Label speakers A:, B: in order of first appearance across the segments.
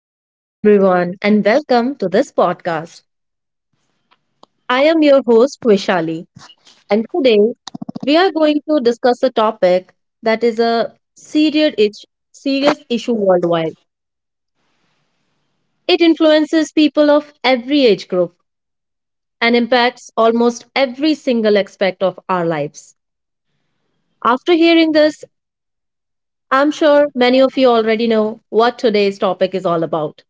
A: Hello, everyone, and welcome to this podcast. I am your host, Vishali, and today we are going to discuss a topic that is a serious issue worldwide. It influences people of every age group and impacts almost every single aspect of our lives. After hearing this, I'm sure many of you already know what today's topic is all about.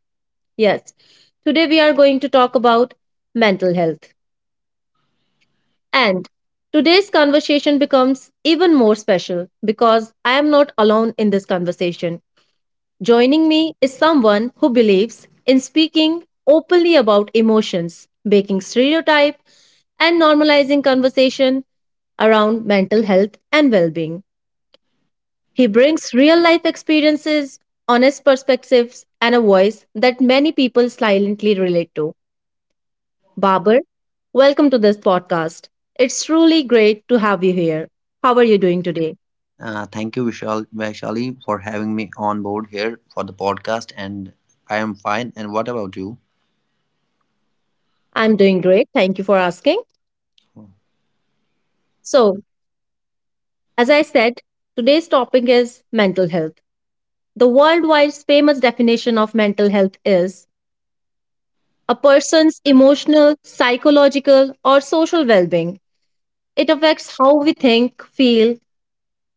A: Yes, today we are going to talk about mental health. And today's conversation becomes even more special because I am not alone in this conversation. Joining me is someone who believes in speaking openly about emotions, breaking stereotype, and normalizing conversation around mental health and well being. He brings real life experiences, honest perspectives, and a voice that many people silently relate to. Babar, welcome to this podcast. It's truly great to have you here. How are you doing today?
B: Thank you, Vishal, Vaishali, for having me on board here for the podcast. And I am fine. And what about you?
A: I'm doing great. Thank you for asking. So, as I said, today's topic is mental health. The worldwide famous definition of mental health is a person's emotional, psychological, or social well being. It affects how we think, feel,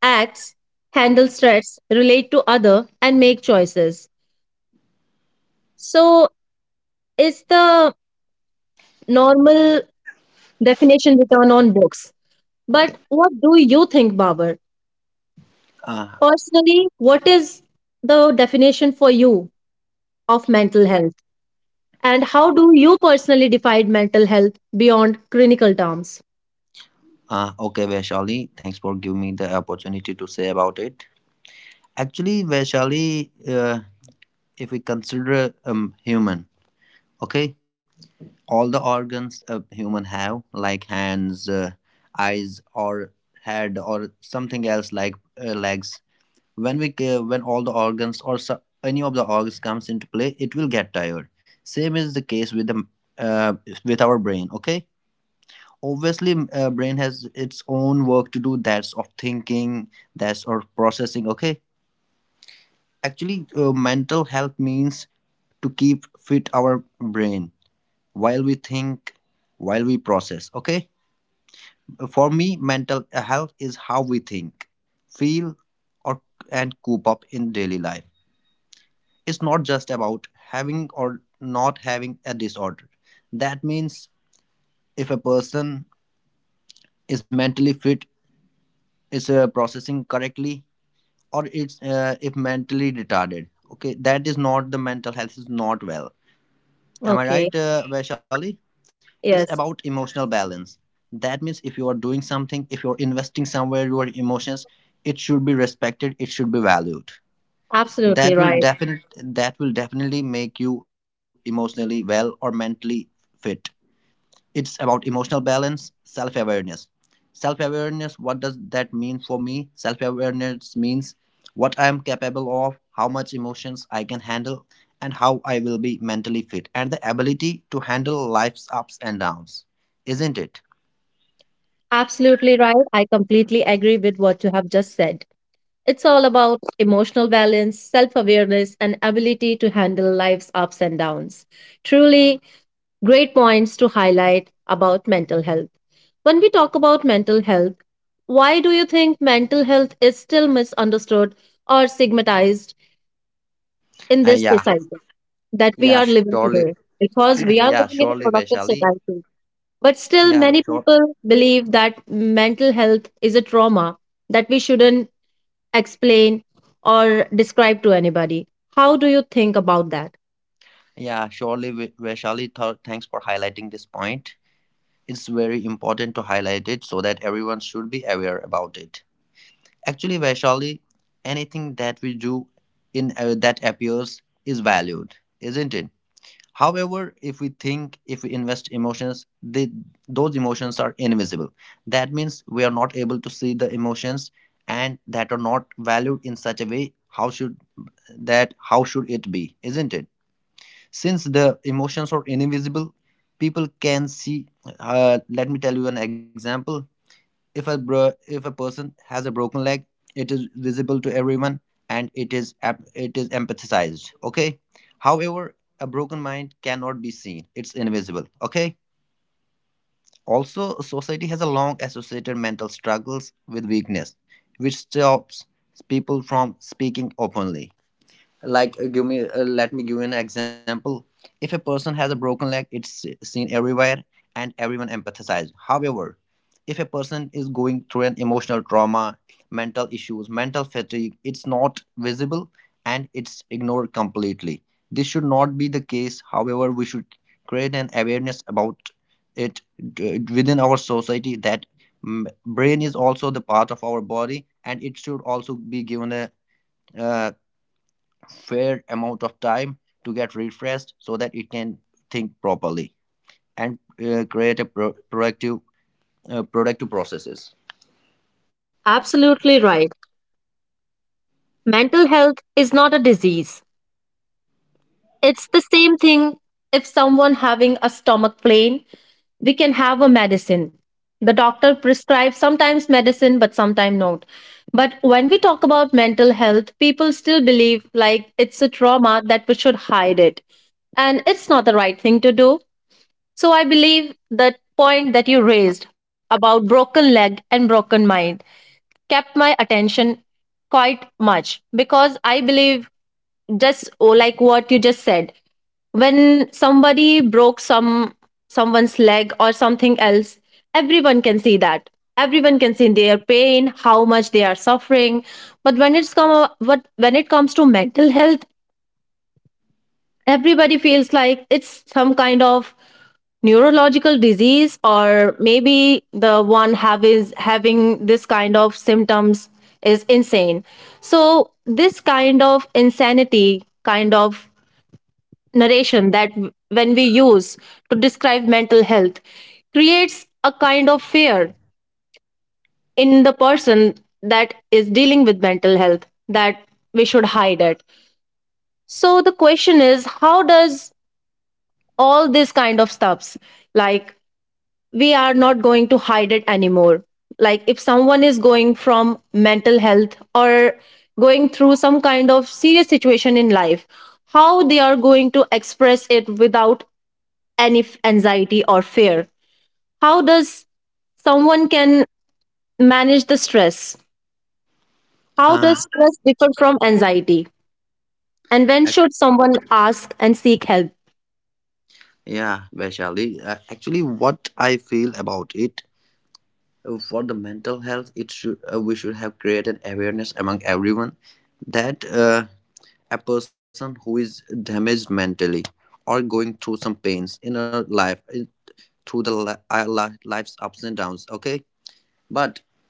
A: act, handle stress, relate to other, and make choices. So, is the normal definition return on books. But what do you think, Babar?
B: Uh,
A: Personally, what is the definition for you of mental health? And how do you personally define mental health beyond clinical terms?
B: okay, Vaishali, thanks for giving me the opportunity to say about it. Actually, Vaishali, if we consider human, okay, all the organs a human have, like hands, eyes, or head, or something else like legs, when all the organs or so, any of the organs comes into play, it will get tired. Same is the case with the uh, with our brain, okay. Obviously, brain has its own work to do, that's of thinking, that's of processing, okay. Actually, mental health means to keep fit our brain while we think, while we process, okay. For me, mental health is how we think, feel, or and cope up in daily life. It's not just about having or not having a disorder. That means if a person is mentally fit, is processing correctly, or it's if mentally retarded. Okay, that is not, the mental health is not well. Am I
A: Okay,
B: right, Vaishali? It's about
A: yes,
B: emotional balance. That means if you are doing something, if you're investing somewhere your emotions, it should be respected. It should be valued.
A: absolutely
B: That will
A: right.
B: definite. That will definitely make you emotionally well or mentally fit. It's about emotional balance, self awareness. Self awareness, what does that mean for me? Self awareness means what I am capable of, how much emotions I can handle, and how I will be mentally fit, and the ability to handle life's ups and downs, isn't it?
A: Absolutely right. I completely agree with what you have just said. It's all about emotional balance, self awareness, and ability to handle life's ups and downs. Truly, great points to highlight about mental health. When we talk about mental health, why do you think mental health is still misunderstood or stigmatized in this
B: Yeah.
A: society that we
B: Yeah,
A: are living
B: surely.
A: today? Because we
B: Yeah,
A: are living in
B: surely,
A: a productive
B: Vaishali.
A: society. But still,
B: Yeah,
A: many
B: sure.
A: people believe that mental health is a trauma that we shouldn't explain or describe to anybody. How do you think about that?
B: Yeah, surely, Vaishali, thanks for highlighting this point. It's very important to highlight it so that everyone should be aware about it. Actually, Vaishali, anything that we do in that appears is valued, isn't it? However, if we think, if we invest emotions, those emotions are invisible. That means we are not able to see the emotions, and that are not valued in such a way. How should that? How should it be? Isn't it? Since the emotions are invisible, people can see. Let me tell you an example. If a person has a broken leg, it is visible to everyone and it is empathized. Okay. However, a broken mind cannot be seen. It's invisible. Okay. Also, society has a long associated mental struggles with weakness, which stops people from speaking openly, like— give me let me give you an example. If a person has a broken leg, it's seen everywhere and everyone empathizes. However, if a person is going through an emotional trauma, mental issues, mental fatigue, it's not visible and it's ignored completely. This should not be the case. However, we should create an awareness about it, within our society, that brain is also the part of our body and it should also be given a uh, fair amount of time to get refreshed so that it can think properly and create a productive productive processes.
A: Absolutely right. Mental health is not a disease. It's the same thing, if someone having a stomach pain, we can have a medicine. The doctor prescribes sometimes medicine but sometimes not. But when we talk about mental health, people still believe like it's a trauma that we should hide it. And it's not the right thing to do. So I believe that point that you raised about broken leg and broken mind kept my attention quite much because I believe just oh, like what you just said, when somebody broke someone's leg or something else, everyone can see that, everyone can see their pain, how much they are suffering. But when it comes to mental health, everybody feels like it's some kind of neurological disease, or maybe the one have is having this kind of symptoms is insane. So this kind of insanity kind of narration that when we use to describe mental health creates a kind of fear in the person that is dealing with mental health that we should hide it. So the question is, how does all this kind of stuffs, like, we are not going to hide it anymore. Like, if someone is going from mental health or going through some kind of serious situation in life, how they are going to express it without any anxiety or fear? How does someone can manage the stress? How
B: uh,
A: does stress differ from anxiety, and when
B: ac-
A: should someone ask and seek help?
B: yeah, Vaishali. Actually, what I feel about it for the mental health, it should we should have created awareness among everyone that— a person who is damaged mentally, or going through some pains in her through the li- our li- life's ups and downs, okay. But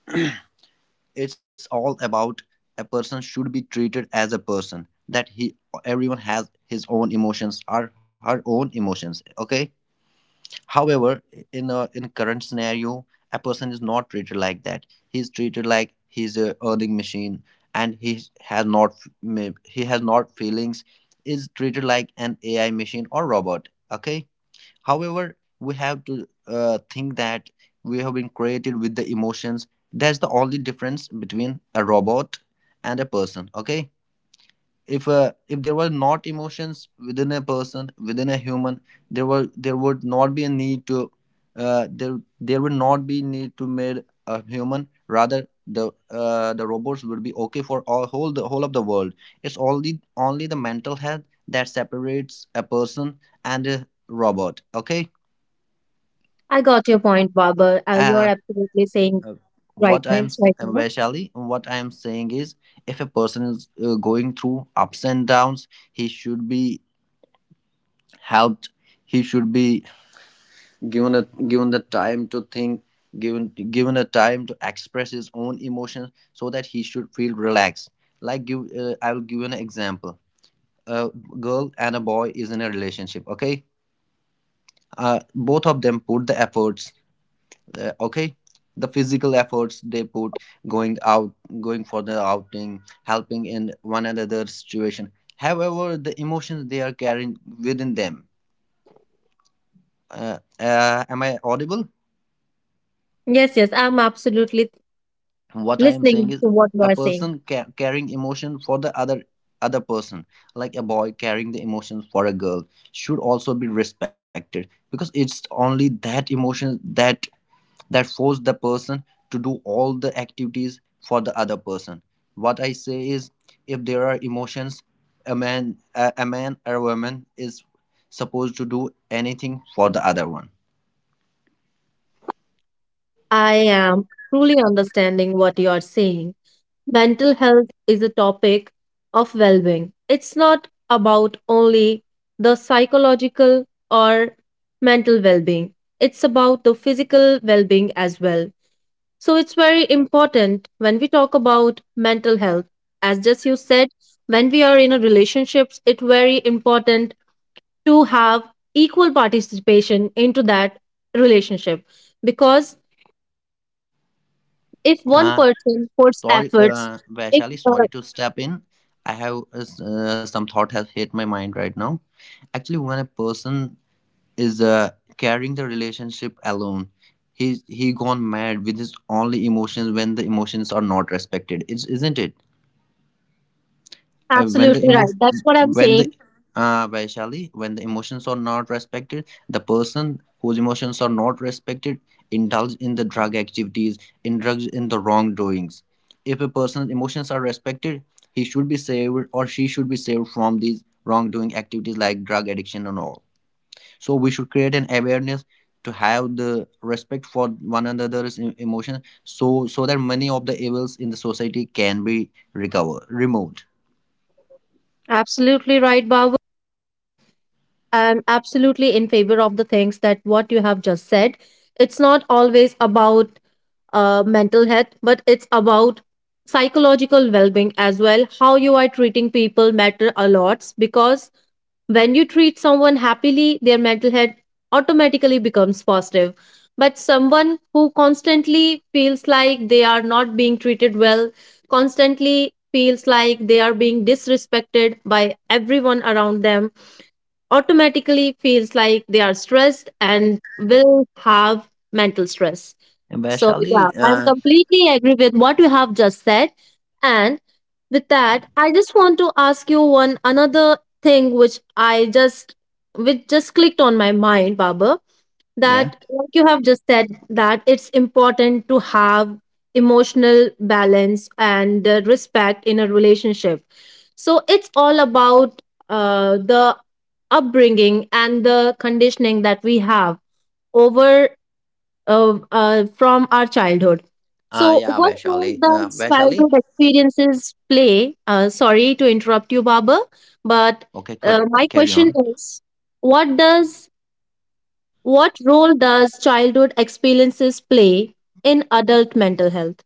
B: it's all about a person should be treated as a person, that he— everyone has his own emotions or her own emotions, okay. However, in current scenario, a person is not treated like that. He's treated like he's a earning machine, and has not he has not feelings, is treated like an AI machine or robot, okay. However, we have to think that we have been created with the emotions. That's the only difference between a robot and a person. Okay, if there were not emotions within a person, within a human, there would not be a need to, there would not be need to made a human. Rather, the robots would be okay for all whole the whole of the world. It's only the mental health that separates a person and a robot. Okay.
A: I got your point, Baba. You are
B: uh,
A: absolutely saying
B: uh,
A: right
B: what I'm
A: things right now.
B: Vaishali, what I'm saying is, if a person is going through ups and downs, he should be helped, he should be given the time to think, given a time to express his own emotions so that he should feel relaxed. Like, give I will give you an example. A girl and a boy is in a relationship, okay. Both of them put the efforts, okay. The physical efforts they put, going out, going for the outing, helping in one another situation, however the emotions they are carrying within them... am I audible?
A: Yes, yes, I'm absolutely
B: What I am saying
A: listening
B: is,
A: to what you
B: a
A: are saying.
B: person carrying emotion for the other person, like a boy carrying the emotions for a girl should also be respected, because it's only that emotion that force the person to do all the activities for the other person. What I say is, if there are emotions, a man or a woman is supposed to do anything for the other one.
A: I am truly understanding what you are saying. Mental health is a topic of well being. It's not about only the psychological or mental well being, it's about the physical well being as well. So it's very important when we talk about mental health. As just you said, when we are in a relationships, it's very important to have equal participation into that relationship, because if one
B: uh,
A: person puts
B: Sorry,
A: efforts if
B: Vaishali,
A: uh,
B: sorry to step in. I have Some thought has hit my mind right now. Actually, when a person is carrying the relationship alone, he gone mad with his only emotions when the emotions are not respected, isn't it? When the
A: absolutely right, that's
B: emotion
A: what I'm
B: when the
A: saying.
B: Vaishali, when the emotions are not respected, the person whose emotions are not respected indulge in the drug activities, indulge in the wrongdoings. If a person's emotions are respected, he should be saved or she should be saved from these wrongdoing activities like drug addiction and all. So we should create an awareness to have the respect for one another's emotions, so that many of the evils in the society can be recovered, removed.
A: Absolutely right, Babu. I'm absolutely in favor of the things that what you have just said. It's not always about mental health, but it's about psychological well-being as well. How you are treating people matter a lot, because when you treat someone happily, their mental health automatically becomes positive. But someone who constantly feels like they are not being treated well, constantly feels like they are being disrespected by everyone around them, automatically feels like they are stressed and will have mental stress. So, yeah,
B: Vaishali,
A: I'm completely agree with what you have just said. And with that, I just want to ask you one another thing which I just which just clicked on my mind, Baba,
B: Yeah.
A: that, like you have just said, that it's important to have emotional balance and respect in a relationship. So it's all about the upbringing and the conditioning that we have over from our childhood. So,
B: Yeah,
A: what role
B: Vaishali,
A: does
B: Vaishali.
A: childhood experiences play? Sorry to interrupt you, Baba,
B: Okay,
A: but
B: could carry
A: my
B: on.
A: question is, what does what role does childhood experiences play in adult mental health?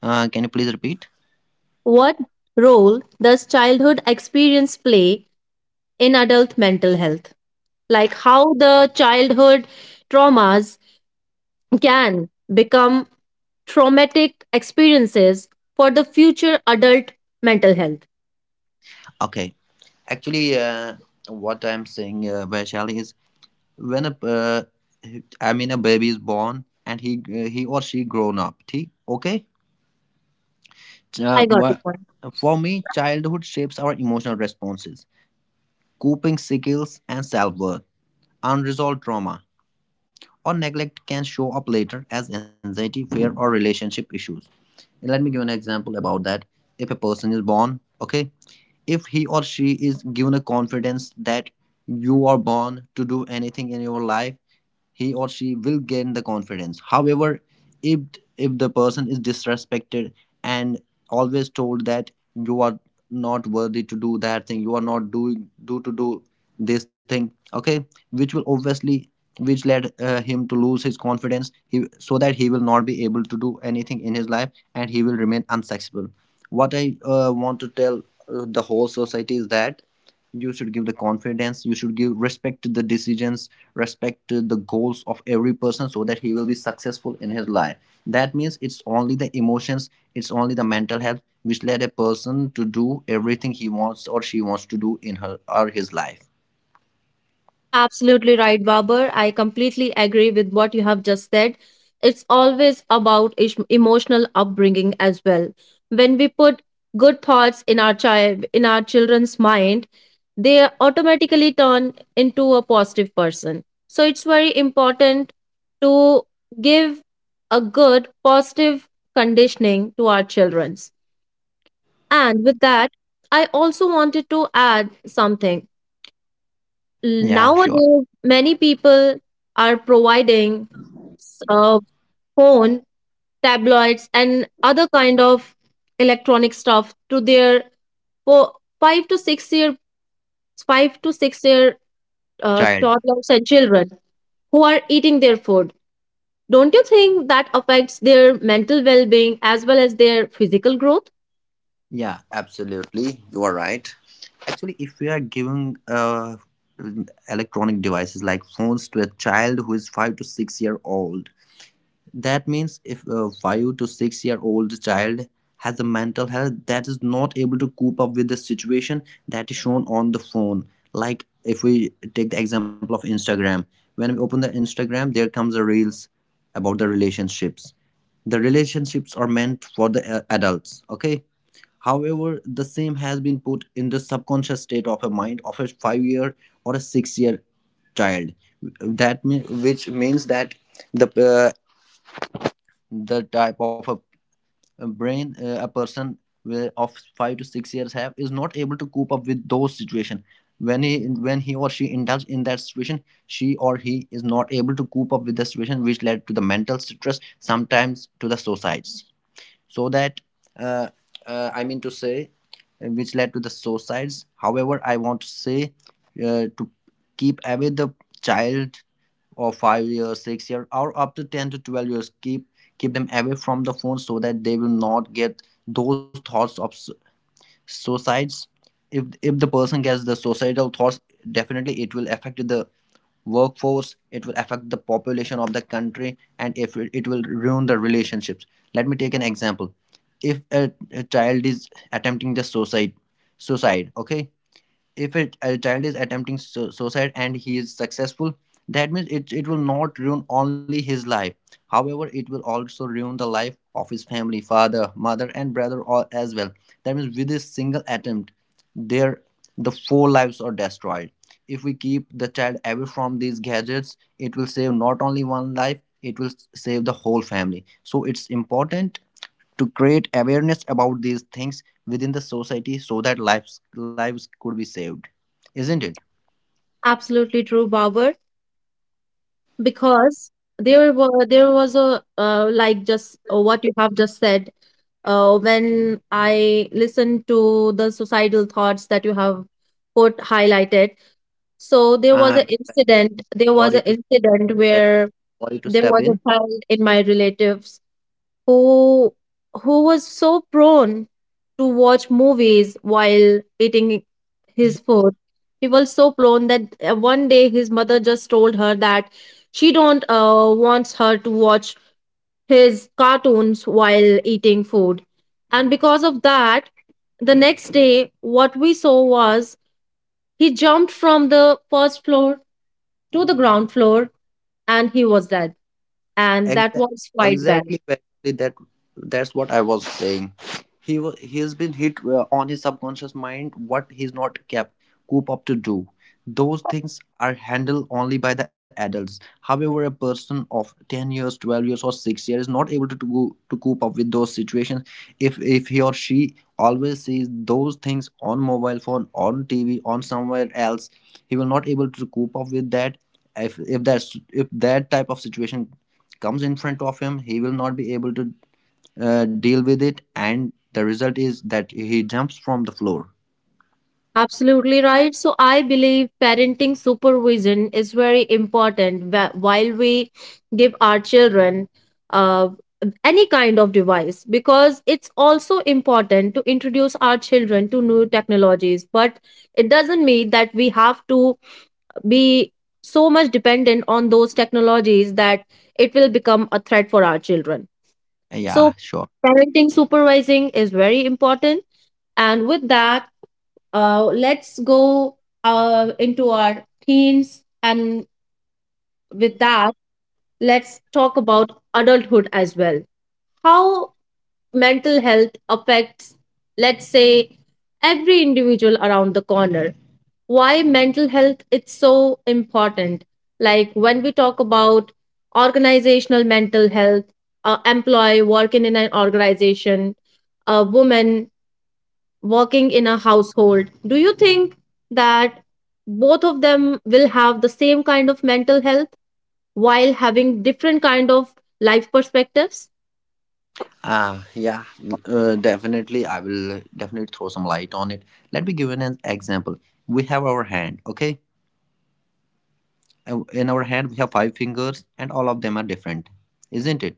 B: Can you please repeat?
A: What role does childhood experience play in adult mental health? Like, how the childhood traumas can become traumatic experiences for the future adult mental health.
B: Okay, actually, what I'm saying, Vaishali, is, when a, uh, I mean, a baby is born and he or she grown up. Okay, uh,
A: I got your
B: wha-
A: point.
B: for me, childhood shapes our emotional responses, coping skills, and self worth. Unresolved trauma or neglect can show up later as anxiety, fear, or relationship issues. Let me give an example about that. If a person is born, okay, if he or she is given a confidence that you are born to do anything in your life, he or she will gain the confidence. However, if if the person is disrespected and always told that you are not worthy to do that thing, you are not doing do to do this thing, okay, which will obviously which led him to lose his confidence, so that he will not be able to do anything in his life and he will remain unsuccessful. What I want to tell the whole society is that, you should give the confidence, you should give respect to the decisions, respect to the goals of every person so that he will be successful in his life. That means it's only the emotions, it's only the mental health which led a person to do everything he wants or she wants to do in her or his life.
A: Absolutely right, Babar. I completely agree with what you have just said. It's always about emotional upbringing as well. When we put good thoughts in our child, in our children's mind, they automatically turn into a positive person. So it's very important to give a good positive conditioning to our children. And with that, I also wanted to add something.
B: Yeah, sure.
A: Nowadays, many people are providing s- uh, phone, tabloids, and other kind of electronic stuff to their fo- 5 to 6 year, five to six year
B: Child.
A: toddlers and children who are eating their food. Don't you think that affects their mental well being as well as their physical growth?
B: Yeah, absolutely, you are right. Actually, if we are giving electronic devices like phones to a child who is 5 to 6 year old. That means if a 5 to 6 year old child has a mental health that is not able to cope up with the situation that is shown on the phone. Like if we take the example of Instagram, when we open the Instagram, there comes the reels about the relationships. The relationships are meant for the adults, okay? However, the same has been put in the subconscious state of a mind of a 5 year or a 6 year child. Which means that the uh, the type of a brain a person of 5 to 6 years have is not able to cope up with those situation, when he when he or she indulge in that situation. She or he is not able to cope up with the situation, which led to the mental stress, sometimes to the suicides. So that uh, I mean to say, which led to the suicides. However, I want to say, to keep away the child or 5 years, 6 years, or up to 10 to 12 years, keep them away from the phone so that they will not get those thoughts of suicides. If the person gets the suicidal thoughts, definitely it will affect the workforce, it will affect the population of the country, and if it will ruin the relationships. Let me take an example. If a child is attempting the suicide, okay? If a child is attempting, suicide, and he is successful, that means it will not ruin only his life, however it will also ruin the life of his family, father, mother, and brother, all as well. That means with this single attempt, there the four lives are destroyed. If we keep the child away from these gadgets, it will save not only one life, it will save the whole family. So it's important to create awareness about these things within the society so that lives could be saved, isn't it?
A: Absolutely true, Babar. Because there was a like just what you have just said, when I listened to the suicidal thoughts that you have put highlighted, so
B: um
A: there was
B: sorry
A: an
B: to
A: incident where
B: sorry to
A: there
B: step
A: was
B: in.
A: a child in my relatives who was so prone to watch movies while eating his food. He was so prone that one day his mother just told her that she don't wants her to watch his cartoons while eating food. And because of that, the next day what we saw was he jumped from the first floor to the ground floor, and he was dead. And that
B: Exa-
A: was quite bad.
B: exactly, Vaishali, that's what I was saying. He has been hit on his subconscious mind, what he's not kept coop up to do. Those things are handled only by the adults. However, a person of 10 years, 12 years, or 6 years is not able to cope up with those situations. If he or she always sees those things on mobile phone, on TV, on somewhere else, he will not able to cope up with that. If that type of situation comes in front of him, he will not be able to deal with it, and the result is that he jumps from the floor.
A: Absolutely right. So I believe parenting supervision is very important while we give our children uh, any kind of device, because it's also important to introduce our children to new technologies. But it doesn't mean that we have to be so much dependent on those technologies that it will become a threat for our children.
B: Yeah,
A: So
B: sure.
A: parenting supervising is very important. And with that, let's go into our teens, and with that, let's talk about adulthood as well. How mental health affects, let's say, every individual around the corner. Why mental health is so important. Like, when we talk about organizational mental health, employee working in an organization, a woman working in a household, do you think that both of them will have the same kind of mental health while having different kind of life perspectives?
B: Yeah, definitely I will definitely throw some light on it. Let me give you an example. We have our hand, okay? In our hand we have five fingers, and all of them are different, isn't it?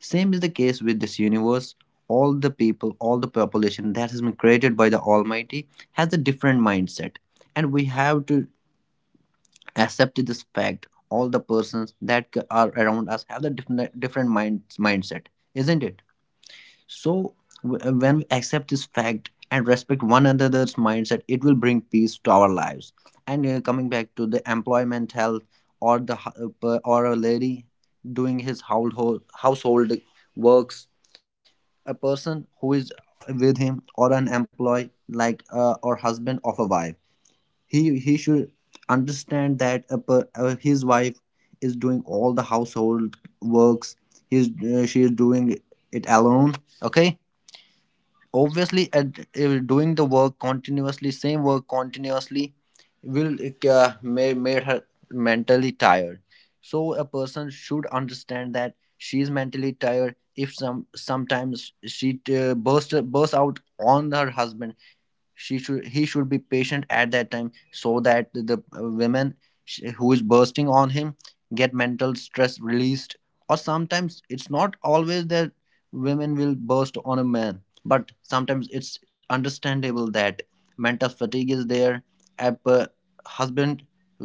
B: Same is the case with this universe. All the people all the population that has been created by the almighty has a different mindset, and we have to accept this fact. All the persons that are around us have the different mindset, isn't it? So, when we accept this fact and respect one another's mindset, it will bring peace to our lives. And coming back to the employment health, or the or a lady doing his household household works. A person who is with him, or an employee, like, or husband of a wife, he should understand that his wife is doing all the household works. He's She is doing it alone, okay? Obviously, doing the work continuously, same work continuously, will make her mentally tired. So a person should understand that she is mentally tired. If sometimes she bursts out on her husband, she should he should be patient at that time so that the women, who is bursting on him, get mental stress released. Or sometimes it's not always that women will burst on a man, but sometimes it's understandable that mental fatigue is there. A husband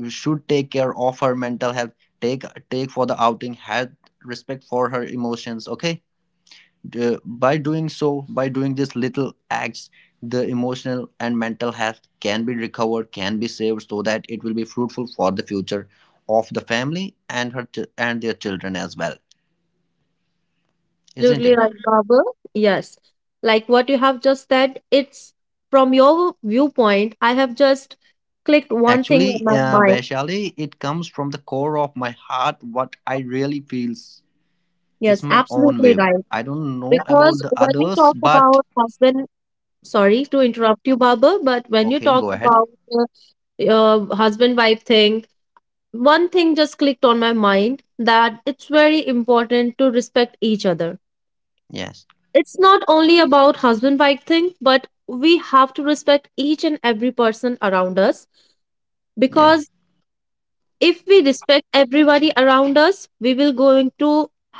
B: should take care of her mental health, take take for the outing, have respect for her emotions, okay? By doing so, by doing these little acts, the emotional and mental health can be recovered, can be saved, so that it will be fruitful for the future of the family and their children as well, isn't
A: Absolutely
B: it?
A: right, Babu. Yes. Like what you have just said, it's from your viewpoint, I have just clicked one thing
B: Actually,
A: in my mind.
B: Vaishali, it comes from the core of my heart, what I really feels. It's
A: Yes,
B: my own
A: absolutely
B: view.
A: right.
B: I don't know
A: Because
B: about the
A: when you
B: others,
A: talk
B: but
A: about husband, sorry to interrupt you, Baba, but when you
B: okay,
A: talk
B: go ahead.
A: about husband-wife thing, one thing just clicked on my mind that it's very important to respect each other.
B: Yes,
A: It's not only about husband-wife thing, but we have to respect each and every person around us,
B: yeah,
A: because if we respect everybody around us, we will going to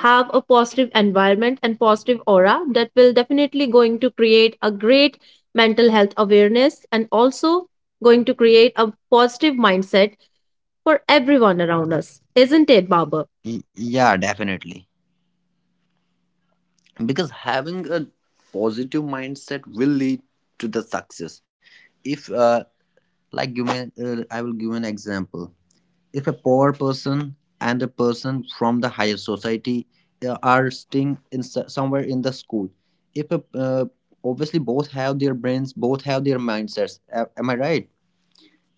A: have a positive environment and positive aura that will definitely going to create a great mental health awareness and also going to create a positive mindset for everyone around us, isn't it, Baba?
B: Yeah, definitely. Because having a positive mindset will lead to the success. If Like, give me I will give an example. If a poor person and a person from the higher society are staying in somewhere in the school, if a, obviously both have their brains, both have their mindsets. Am I right?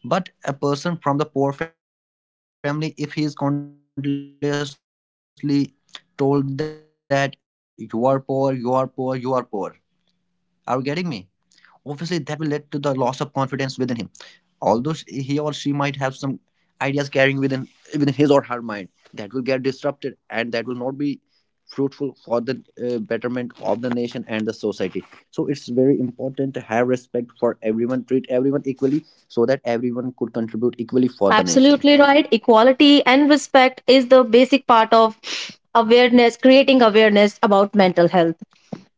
B: But a person from the poor family, if he is continuously told that you are poor, you are poor, you are poor, are you getting me? Obviously that will lead to the loss of confidence within him. Although he or she might have some ideas carrying within his or her mind, that will get disrupted, and that will not be fruitful for the betterment of the nation and the society. So it's very important to have respect for everyone, treat everyone equally, so that everyone could contribute equally for the nation.
A: Absolutely right. Equality and respect is the basic part of awareness, creating awareness about mental health.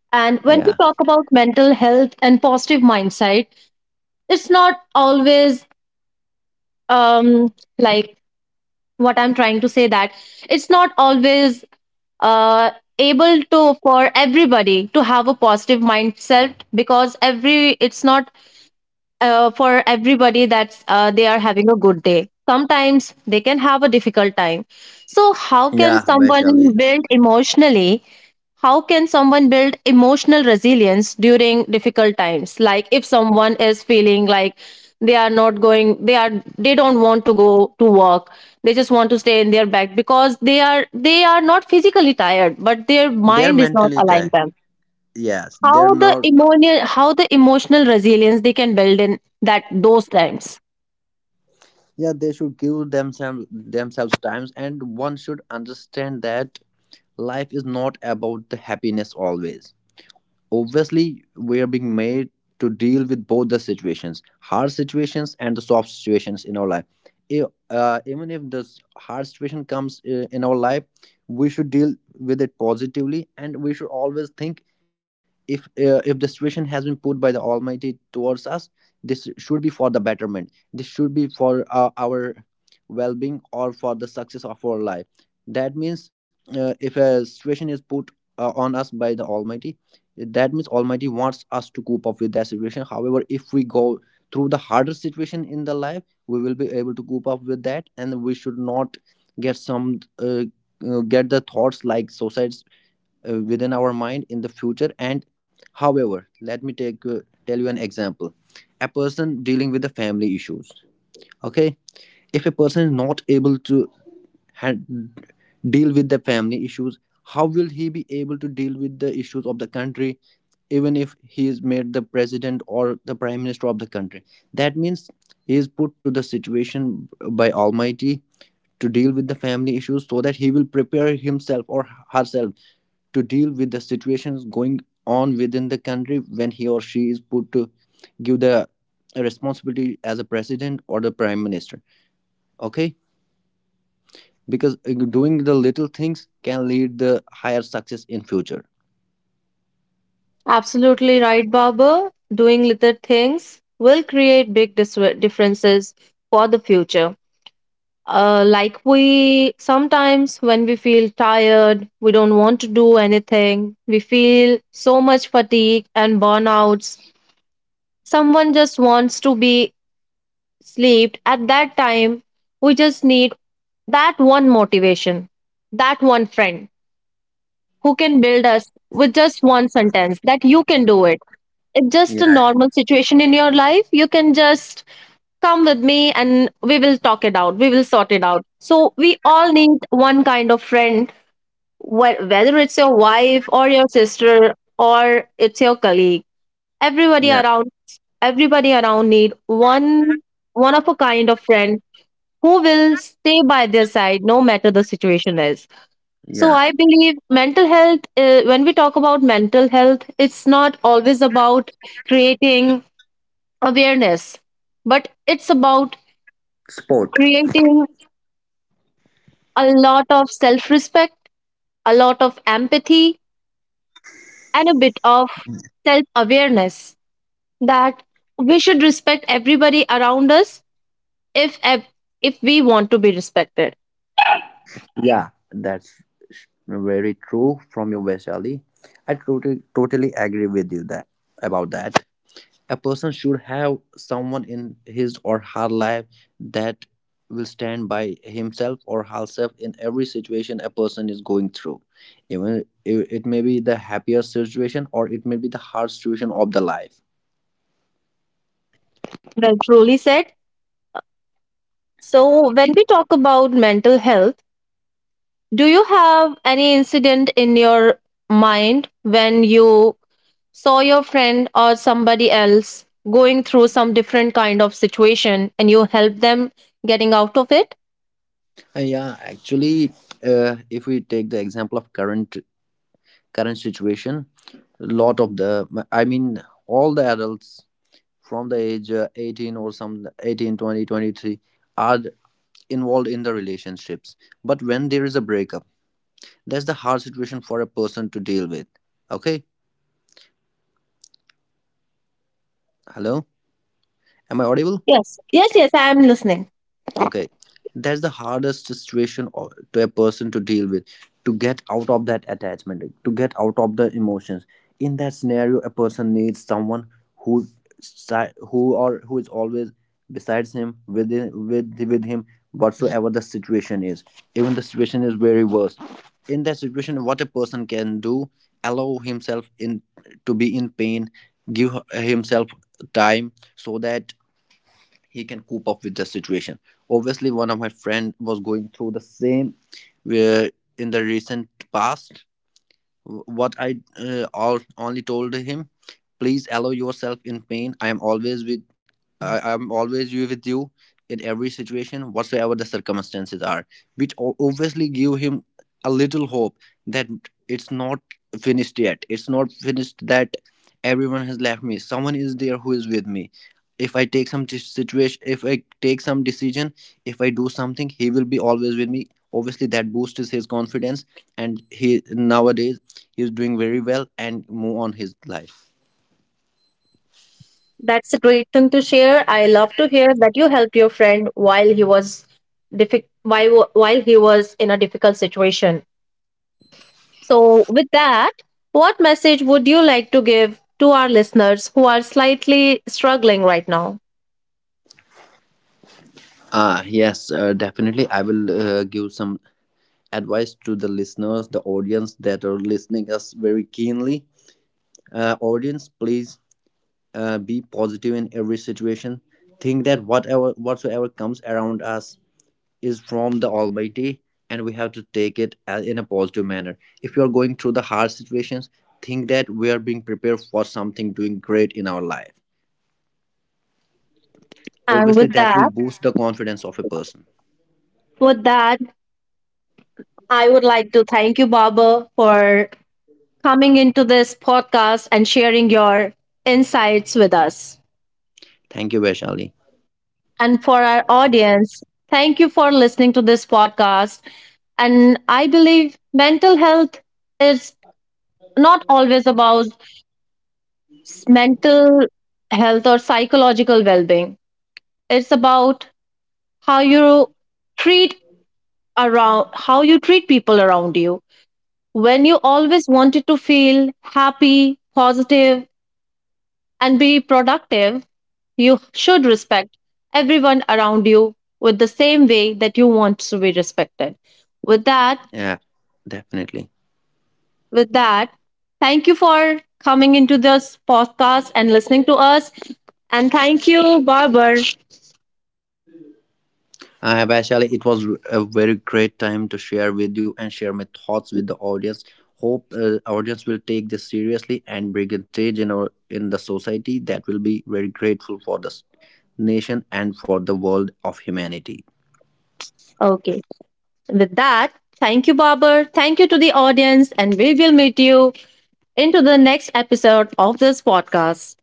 B: Yeah.
A: And when we talk about mental health and positive mindset, it's not always, um like, what I'm trying to say that it's not always uh able to for everybody to have a positive mindset, because every it's not for everybody that they are having a good day. Sometimes they can have a difficult time. So
B: Yeah, Vaishali.
A: how can someone build emotional resilience during difficult times? Like, if someone is feeling like they are not going, they are they don't want to go to work. They just want to stay in their bed because they are not physically tired, but their
B: They're
A: mind is not
B: mentally
A: allowing
B: tired.
A: them.
B: Yes, they're not.
A: How the emotional resilience they can build in that those times.
B: Yeah, they should give themselves times, and one should understand that life is not about the happiness always. Obviously we are being made to deal with both the situations, hard situations and the soft situations in our life. If, Even if this hard situation comes in our life, we should deal with it positively, and we should always think if the situation has been put by the almighty towards us, this should be for the betterment, this should be for our well-being, or for the success of our life. That means, if a situation is put on us by the almighty, that means almighty wants us to cope up with that situation. However, if we go through the harder situation in the life, we will be able to cope up with that, and we should not get some get the thoughts like suicides within our mind in the future. And however, let me take tell you an example. A person dealing with the family issues, okay? If a person is not able to hand, deal with the family issues, how will he be able to deal with the issues of the country, even if he is made the president or the prime minister of the country? That means he is put to the situation by almighty to deal with the family issues so that he will prepare himself or herself to deal with the situations going on within the country when he or she is put to give the responsibility as a president or the prime minister, okay? Because doing the little things can lead the higher success in future.
A: Absolutely right, Babu. Doing little things will create big differences for the future. Like we sometimes, when we feel tired, we don't want to do anything, we feel so much fatigue and burnouts. Someone just wants to be slept at that time. We just need that one motivation, that one friend who can build us with just one sentence that you can do it. It's just a normal situation in your life. You can just come with me and we will talk it out. We will sort it out. So we all need one kind of friend, whether it's your wife or your sister or it's your colleague.
B: Yeah,
A: Everybody around Everybody around need one of a kind of friend who will stay by their side no matter the situation is. So
B: yeah.
A: I believe mental health, when we talk about mental health, it's not always about creating awareness, but it's about
B: Sport.
A: creating a lot of self respect, a lot of empathy, and a bit of self awareness that we should respect everybody around us if ev- if we want to be respected.
B: Yeah, that's very true from you, Vaishali. I totally totally agree with you that about that a person should have someone in his or her life that will stand by himself or herself in every situation a person is going through, even it may be the happier situation or it may be the hard situation of the life.
A: Well, truly said. So, when we talk about mental health, do you have any incident in your mind when you saw your friend or somebody else going through some different kind of situation and you helped them getting out of it?
B: Yeah, actually, if we take the example of current situation, a lot of the I mean, all the adults from the age 18, or some, 18, 20, 23, are involved in the relationships. But when there is a breakup, that's the hard situation for a person to deal with, okay? Hello, am I audible?
A: Yes, yes, yes, I am listening.
B: Okay, that's the hardest situation to a person to deal with, to get out of that attachment, to get out of the emotions. In that scenario, a person needs someone who, si- who or who is always besides him, with him, whatsoever the situation is. Even the situation is very worse. In that situation, what a person can do, allow himself in to be in pain, give himself time so that he can cope up with the situation. Obviously one of my friend was going through the same, where in the recent past, what I only told him, please allow yourself in pain. I am always you with you in every situation, whatsoever the circumstances are. Which obviously give him a little hope that it's not finished yet. It's not finished that everyone has left me. Someone is there who is with me. If I take some situation, if I take some decision, if I do something, he will be always with me. Obviously, that boosts his confidence, and he nowadays he's doing very well and move on his life.
A: That's a great thing to share. I love to hear that you helped your friend while he was in a difficult situation. So, with that, what message would you like to give to our listeners who are slightly struggling right now?
B: Yes, definitely I will, give some advice to the listeners, the audience that are listening us very keenly. Audience, please, be positive in every situation. Think that whatever whatsoever comes around us is from the almighty, and we have to take it in a positive manner. If you are going through the hard situations, think that we are being prepared for something doing great in our life.
A: And
B: Obviously
A: with
B: that will
A: that,
B: boost the confidence of a person.
A: with that, I would like to thank you, Baba, for coming into this podcast and sharing your insights with us.
B: Thank you, Vaishali.
A: And for our audience, thank you for listening to this podcast. And I believe mental health is not always about mental health or psychological well being, it's about how you treat around how you treat people around you. When you always wanted to feel happy, positive, and be productive, you should respect everyone around you with the same way that you want to be respected. With that,
B: Yeah, definitely.
A: with that, thank you for coming into this podcast and listening to us. And thank you, Barber.
B: Vaishali, it was a very great time to share with you and share my thoughts with the audience. Hope audience will take this seriously and bring a change in the society that will be very grateful for this nation and for the world of humanity.
A: Okay. With that, thank you, Barber. Thank you to the audience. And we will meet you into the next episode of this podcast.